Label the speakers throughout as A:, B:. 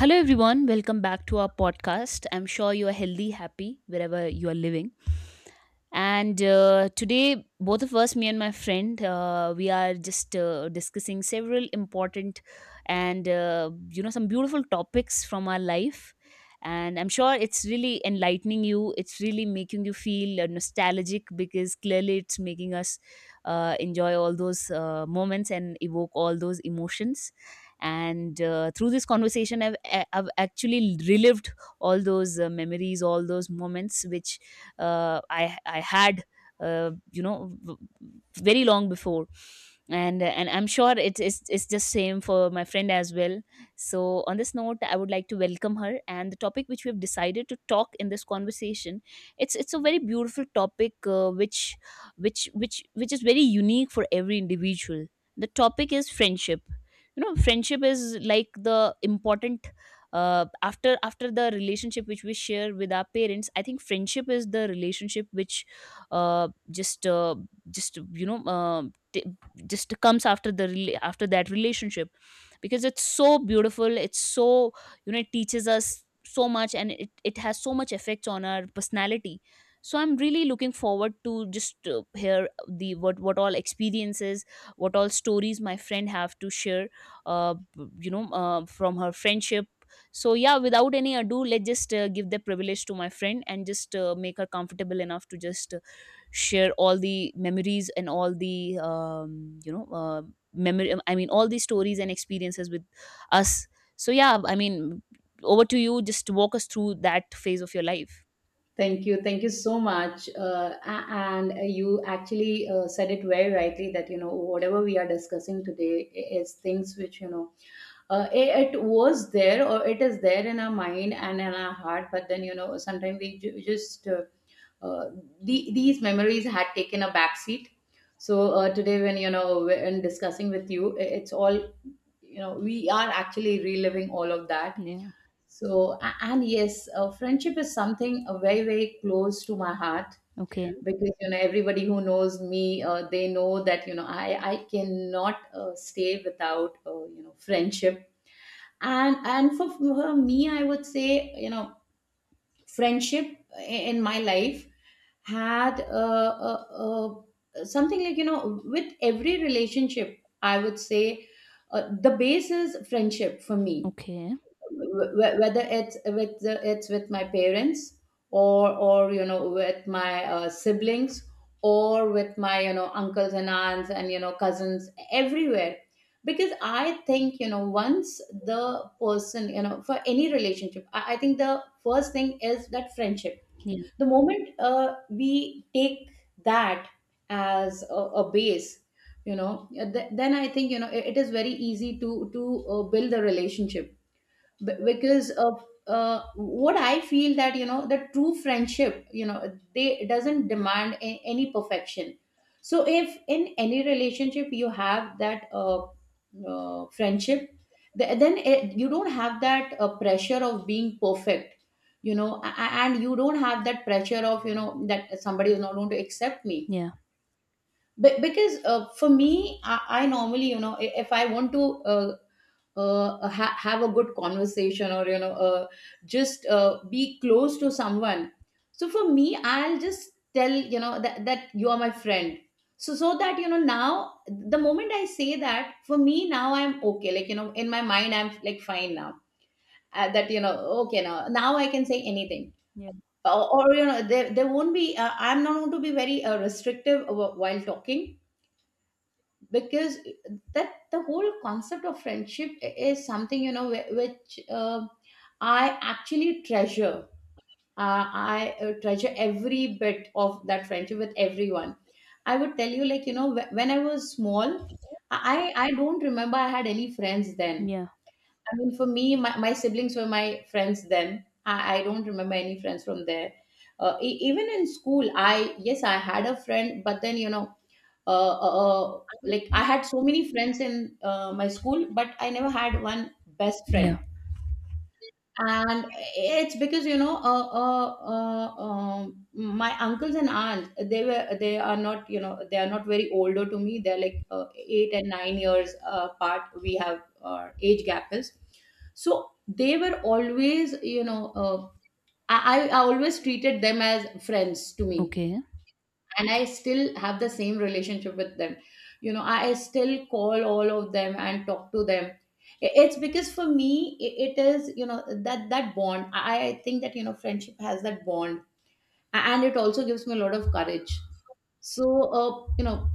A: Hello, everyone. Welcome back to our podcast. I'm sure you are healthy, happy wherever you are living. And today, both of us, me and my friend, we are just discussing several important and, some beautiful topics from our life. And I'm sure it's really enlightening you. It's really making you feel nostalgic, because clearly it's making us enjoy all those moments and evoke all those emotions. And through this conversation, I've actually relived all those memories, all those moments, which I had uh, you know v- very long before. And I'm sure it's just same for my friend as well. So on this note, I would like to welcome her, and the topic which we have decided to talk in this conversation, it's a very beautiful topic, which is very unique for every individual. The topic is friendship. You know, friendship is like the important — after the relationship which we share with our parents, I think friendship is the relationship which uh, just uh, just you know t- just comes after that relationship, because it's so beautiful, it's so, you know, it teaches us so much, and it has so much effects on our personality. So I'm really looking forward to just hear the — what all experiences, what all stories my friend have to share, from her friendship. So yeah, without any ado, let's just give the privilege to my friend, and just make her comfortable enough to just share all the memories and all the you know memory I mean all the stories and experiences with us. So yeah, I mean, over to you. Just walk us through that phase of your life.
B: Thank you. Thank you so much. A- and you actually said it very rightly that, you know, whatever we are discussing today is things which, you know, it was there or it is there in our mind and in our heart. But then, you know, sometimes we just, uh, these memories had taken a back seat. So today, when, you know, when discussing with you, it's all, you know, we are actually reliving all of that.
A: Yeah.
B: So, and yes, friendship is something very, very close to my heart
A: Okay.
B: because, you know, everybody who knows me, they know that, you know, I cannot stay without, you know, friendship. And for me, I would say, you know, friendship i- in my life had something like, you know, with every relationship, I would say the base is friendship for me.
A: Okay.
B: Wh- whether it's with it's with my parents or, you know, with my siblings, or with my, you know, uncles and aunts and, you know, cousins everywhere. Because I think, you know, once the person, you know, for any relationship, I think the first thing is that friendship.
A: Yeah,
B: The moment we take that as a base, you know, then I think, you know, it is very easy to build a relationship. Because of what I feel that, you know, the true friendship, you know, they doesn't demand any perfection. So if in any relationship you have that friendship, then you don't have that pressure of being perfect. You know, and you don't have that pressure of, you know, that somebody is not going to accept me.
A: yeah,
B: Be- because For me, I normally, you know, if I want to uh, have a good conversation or, you know, just be close to someone, so for me I'll just tell, you know, that you are my friend. So that, you know, now the moment I say that, for me now I'm okay. Like, you know, in my mind I'm like, fine now, that, you know, okay, now I can say anything.
A: yeah,
B: Or you know, there won't be, I'm not going to be very restrictive while talking, because that the whole concept of friendship is something, you know, which I actually treasure. Uh, i uh, treasure every bit of that friendship with everyone. I would tell you, like, you know, when I was small, I don't remember I had any friends then.
A: yeah,
B: I mean, for me my siblings were my friends then. I don't remember any friends from there. Even in school, I, yes, I had a friend, but then, you know, uh, uh, uh, like, I had so many friends in my school, but I never had one best
A: yeah.
B: friend. And it's because, you know, my uncles and aunts, they were, they are not, you know, they are not very older to me. They're like 8 and 9 years apart. We have age gap is. So they were always, you know, I always treated them as friends to me,
A: Okay.
B: and I still have the same relationship with them. You know, I still call all of them and talk to them. It's because for me, it is, you know, that that bond. I think that, you know, friendship has that bond. And it also gives me a lot of courage. So you know,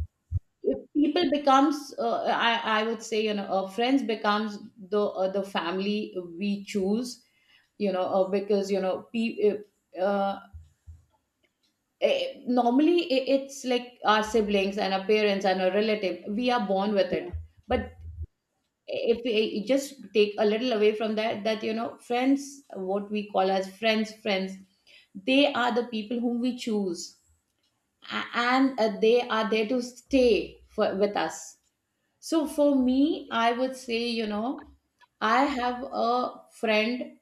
B: if people becomes ,I would say, you know, friends becomes the family we choose. You know, because you know, uh, normally it's like our siblings and our parents and our relative, we are born with
A: Yeah.
B: it. But if we, you just take a little away from that, that you know, friends, what we call as friends friends, they are the people whom we choose, and they are there to stay with us. So for me, I would say, you know, I have a friend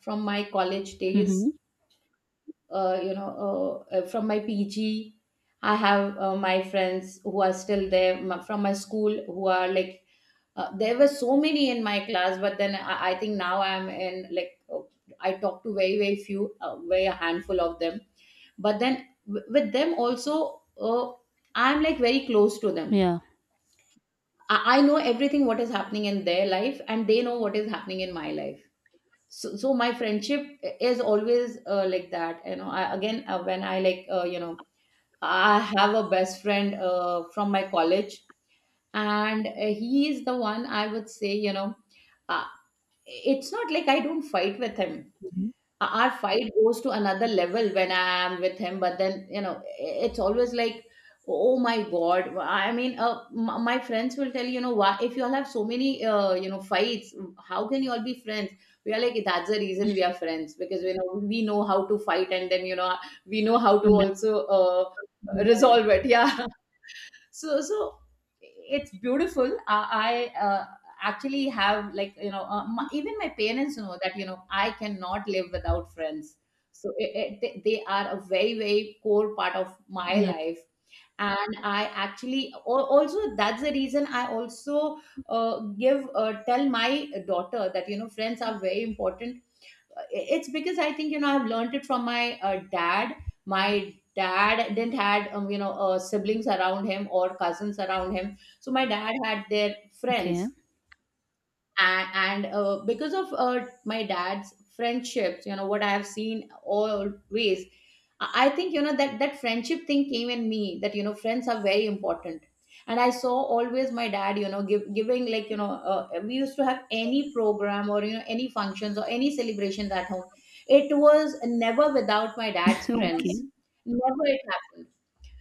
B: from my college days,
A: Mhm.
B: you know, from my PG, I have my friends who are still there, from my school, who are like, there were so many in my class, but then I think now I'm in like, I talk to very, very few, very a handful of them. But then with them also, I'm like very close to them.
A: Yeah.
B: I know everything what is happening in their life, and they know what is happening in my life. So my friendship is always like that, you know, I, again, when I like, you know, I have a best friend from my college, and he is the one, I would say, you know, uh, it's not like I don't fight with him.
A: Mhm.
B: Our fight goes to another level when I am with him. But then, you know, it's always like, oh my God. I mean, my friends will tell you, you know, why, if you all have so many, you know, fights, how can you all be friends? We are like, that's the reason we are friends, because, you know, we know how to fight and then, you know, we know how to
A: Come back.
B: also resolve it. Yeah. So it's beautiful. I actually have, like, you know, even my parents know that, you know, I cannot live without friends. So they are a very, very core part of my
A: Yeah.
B: life. And I actually al- also that's the reason I also give tell my daughter that, you know, friends are very important. It's because I think, you know, I've learned it from my dad. My dad didn't had you know, siblings around him or cousins around him, so my dad had their
A: Okay.
B: friends. And because of my dad's friendships, you know, what I have seen always, I think, you know, that that friendship thing came in me, that you know, friends are very important. And I saw always my dad, you know, giving, like, you know, we used to have any program or, you know, any functions or any celebrations at home, it was never without my dad's friends.
A: Okay.
B: Never it happened.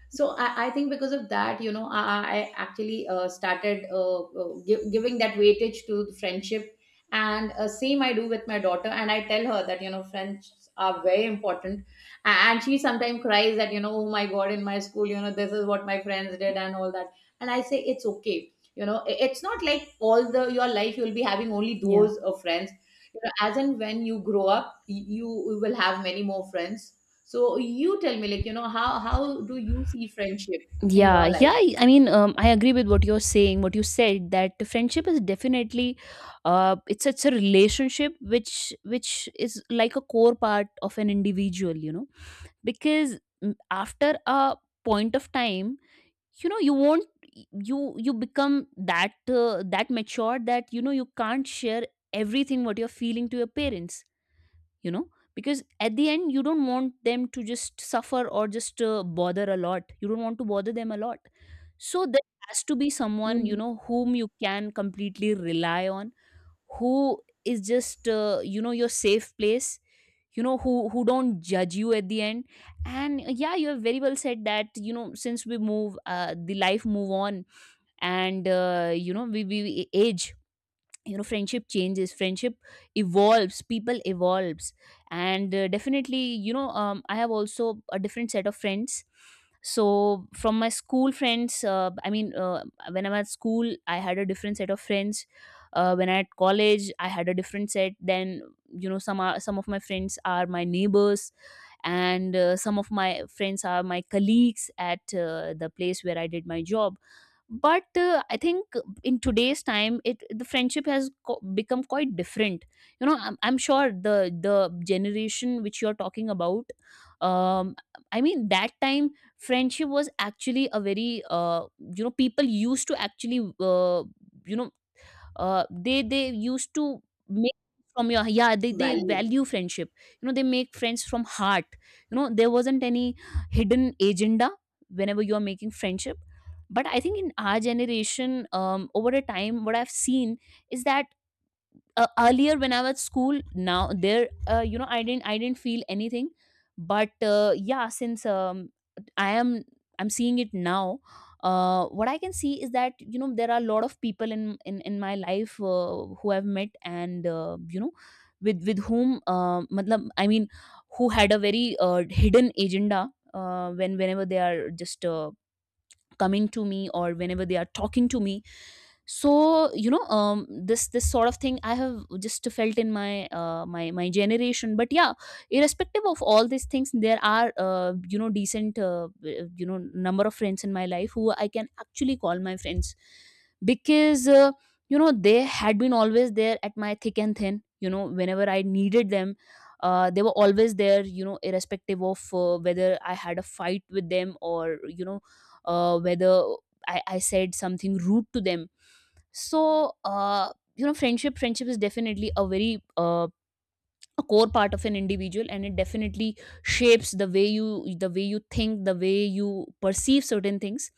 B: So I think because of that, you know, I actually started giving that weightage to friendship. And same I do with my daughter, and I tell her that, you know, friends are very important. And she sometimes cries that, you know, oh my god, in my school, you know, this is what my friends did and all that. And I say, it's okay, you know, it's not like all the your life you'll be having only
A: Yeah.
B: those friends. You know, as and when you grow up, you will have many more friends. So you tell me, like, you know, how do you see friendship in
A: Yeah.
B: your
A: Yeah.
B: life?
A: I mean, I agree with what you're saying, what you said, that friendship is definitely, it's a relationship which is like a core part of an individual, you know, because after a point of time, you know, you won't — you become that that mature that, you know, you can't share everything what you're feeling to your parents, you know, because at the end you don't want them to just suffer, or just bother a lot. You don't want to bother them a lot. So there has to be someone, you
B: Mm.
A: know, whom you can completely rely on, who is just your safe place, you know, who don't judge you at the end. And yeah, you have very well said that, you know, since we move — the life move on, and we age, you know, friendship changes, friendship evolves, people evolves. And definitely, you know, I have also a different set of friends. So from my school friends, I mean, when I'm at school, I had a different set of friends. When I at college, I had a different set. Then, you know, some of my friends are my neighbors, and some of my friends are my colleagues at the place where I did my job. But I think in today's time, it the friendship has become quite different. You know, I'm sure the generation which you're talking about, um I mean, that time friendship was actually a very — you know, people used to actually you know they used to make from your — yeah, they
B: Value.
A: value friendship. You know, they make friends from heart. You know, there wasn't any hidden agenda whenever you are making friendship. But I think in our generation, over a time, what I've seen is that, earlier when I was at school, now there, I didn't feel anything. But yeah, since i am I'm seeing it now, what I can see is that, you know, there are a lot of people in my life, who I've met, and with whom, I mean, who had a very hidden agenda, whenever they are just coming to me, or whenever they are talking to me. So you know, this sort of thing I have just felt in my — generation. But yeah, irrespective of all these things, there are decent, number of friends in my life who I can actually call my friends, because they had been always there at my thick and thin, you know, whenever I needed them. They were always there, you know, irrespective of whether I had a fight with them, or, you know, whether I said something rude to them. So friendship is definitely a very — a core part of an individual, and it definitely shapes the way you think, the way you perceive certain things.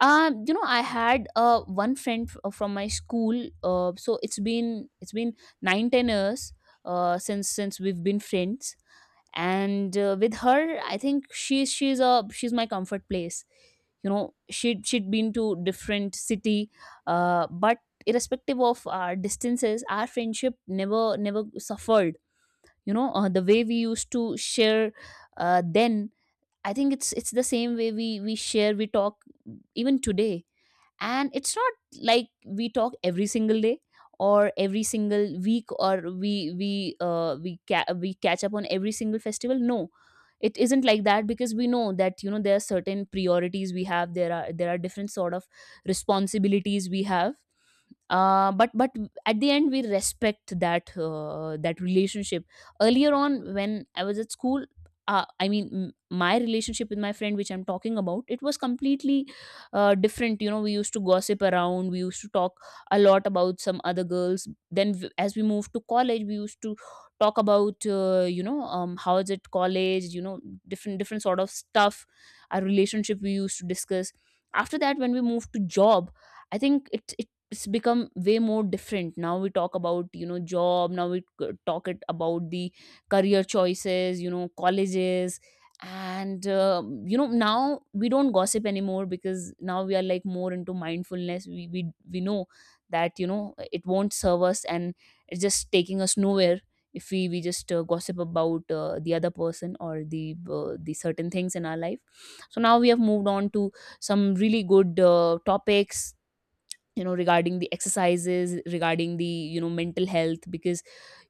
A: You know, I had one friend from my school. So it's been 9-10 years since we've been friends. And with her, I think she's my comfort place. You know, she'd been to different city. But irrespective of our distances, our friendship never suffered. You know, the way we used to share then, I think it's the same way we share, we talk, even today. And it's not like we talk every single day or every single week, or we catch up on every single festival. No, it isn't like that, because we know that, you know, there are certain priorities we have, there are different sort of responsibilities we have. But at the end, we respect that relationship. Earlier on when I was at school, I mean, my relationship with my friend, which I'm talking about, it was completely different. You know, we used to gossip around, we used to talk a lot about some other girls. Then, as we moved to college, we used to talk about how is it college, you know, different sort of stuff. Our relationship we used to discuss. After that, when we moved to job, I think it's become way more different. Now we talk about, you know, job. Now we talk it about the career choices, you know, colleges. And now we don't gossip anymore, because now we are like more into mindfulness. We know that, you know, it won't serve us, and it's just taking us nowhere if we just gossip about the other person, or the certain things in our life. So now we have moved on to some really good topics, you know, regarding the exercises, regarding the, you know, mental health, because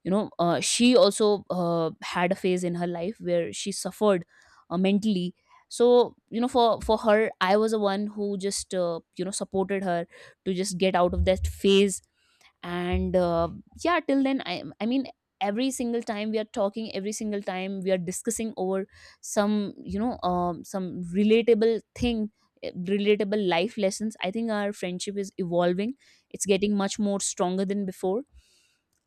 A: you know, she also had a phase in her life where she suffered mentally. So you know, for her, I was the one who just supported her to just get out of that phase. And yeah, till then, I mean, every single time we are talking, every single time we are discussing over some, you know, some relatable thing, relatable life lessons. I think our friendship is evolving, it's getting much more stronger than before.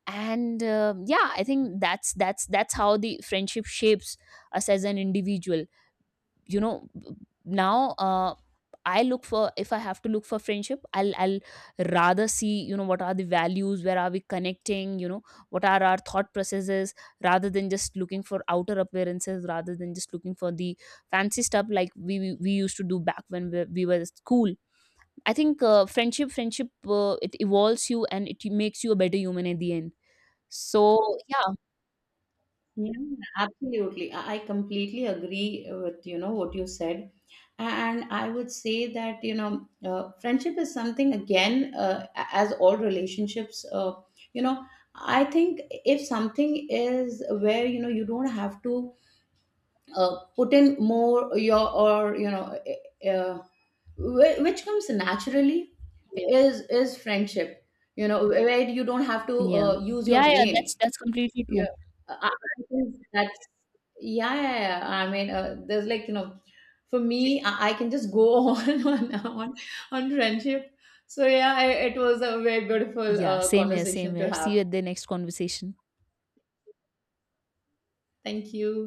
A: And yeah, I think that's how the friendship shapes us as an individual. You know, now I look for — if I have to look for friendship, I'll rather see, you know, what are the values, where are we connecting, you know, what are our thought processes, rather than just looking for outer appearances, rather than just looking for the fancy stuff like we used to do back when we were at school. I think friendship — it evolves you and it makes you a better human at the end. So yeah.
B: Yeah. Absolutely. I completely agree with, you know, what you said. And I would say that, you know, friendship is something, again, as all relationships, you know, I think if something is where, you know, you don't have to put in more or, you know, uh, which comes naturally
A: Yeah.
B: is friendship, you know, where you don't have to
A: Yeah.
B: use your
A: Yeah, yeah,
B: brain.
A: that's completely
B: Yeah.
A: true.
B: I think that's yeah, yeah, yeah. I mean, there's like, you know, for me, I can just go on friendship. So yeah, I, it was a very beautiful
A: Yeah, same here, same
B: conversation to
A: here. See
B: have.
A: you at the next conversation.
B: Thank you.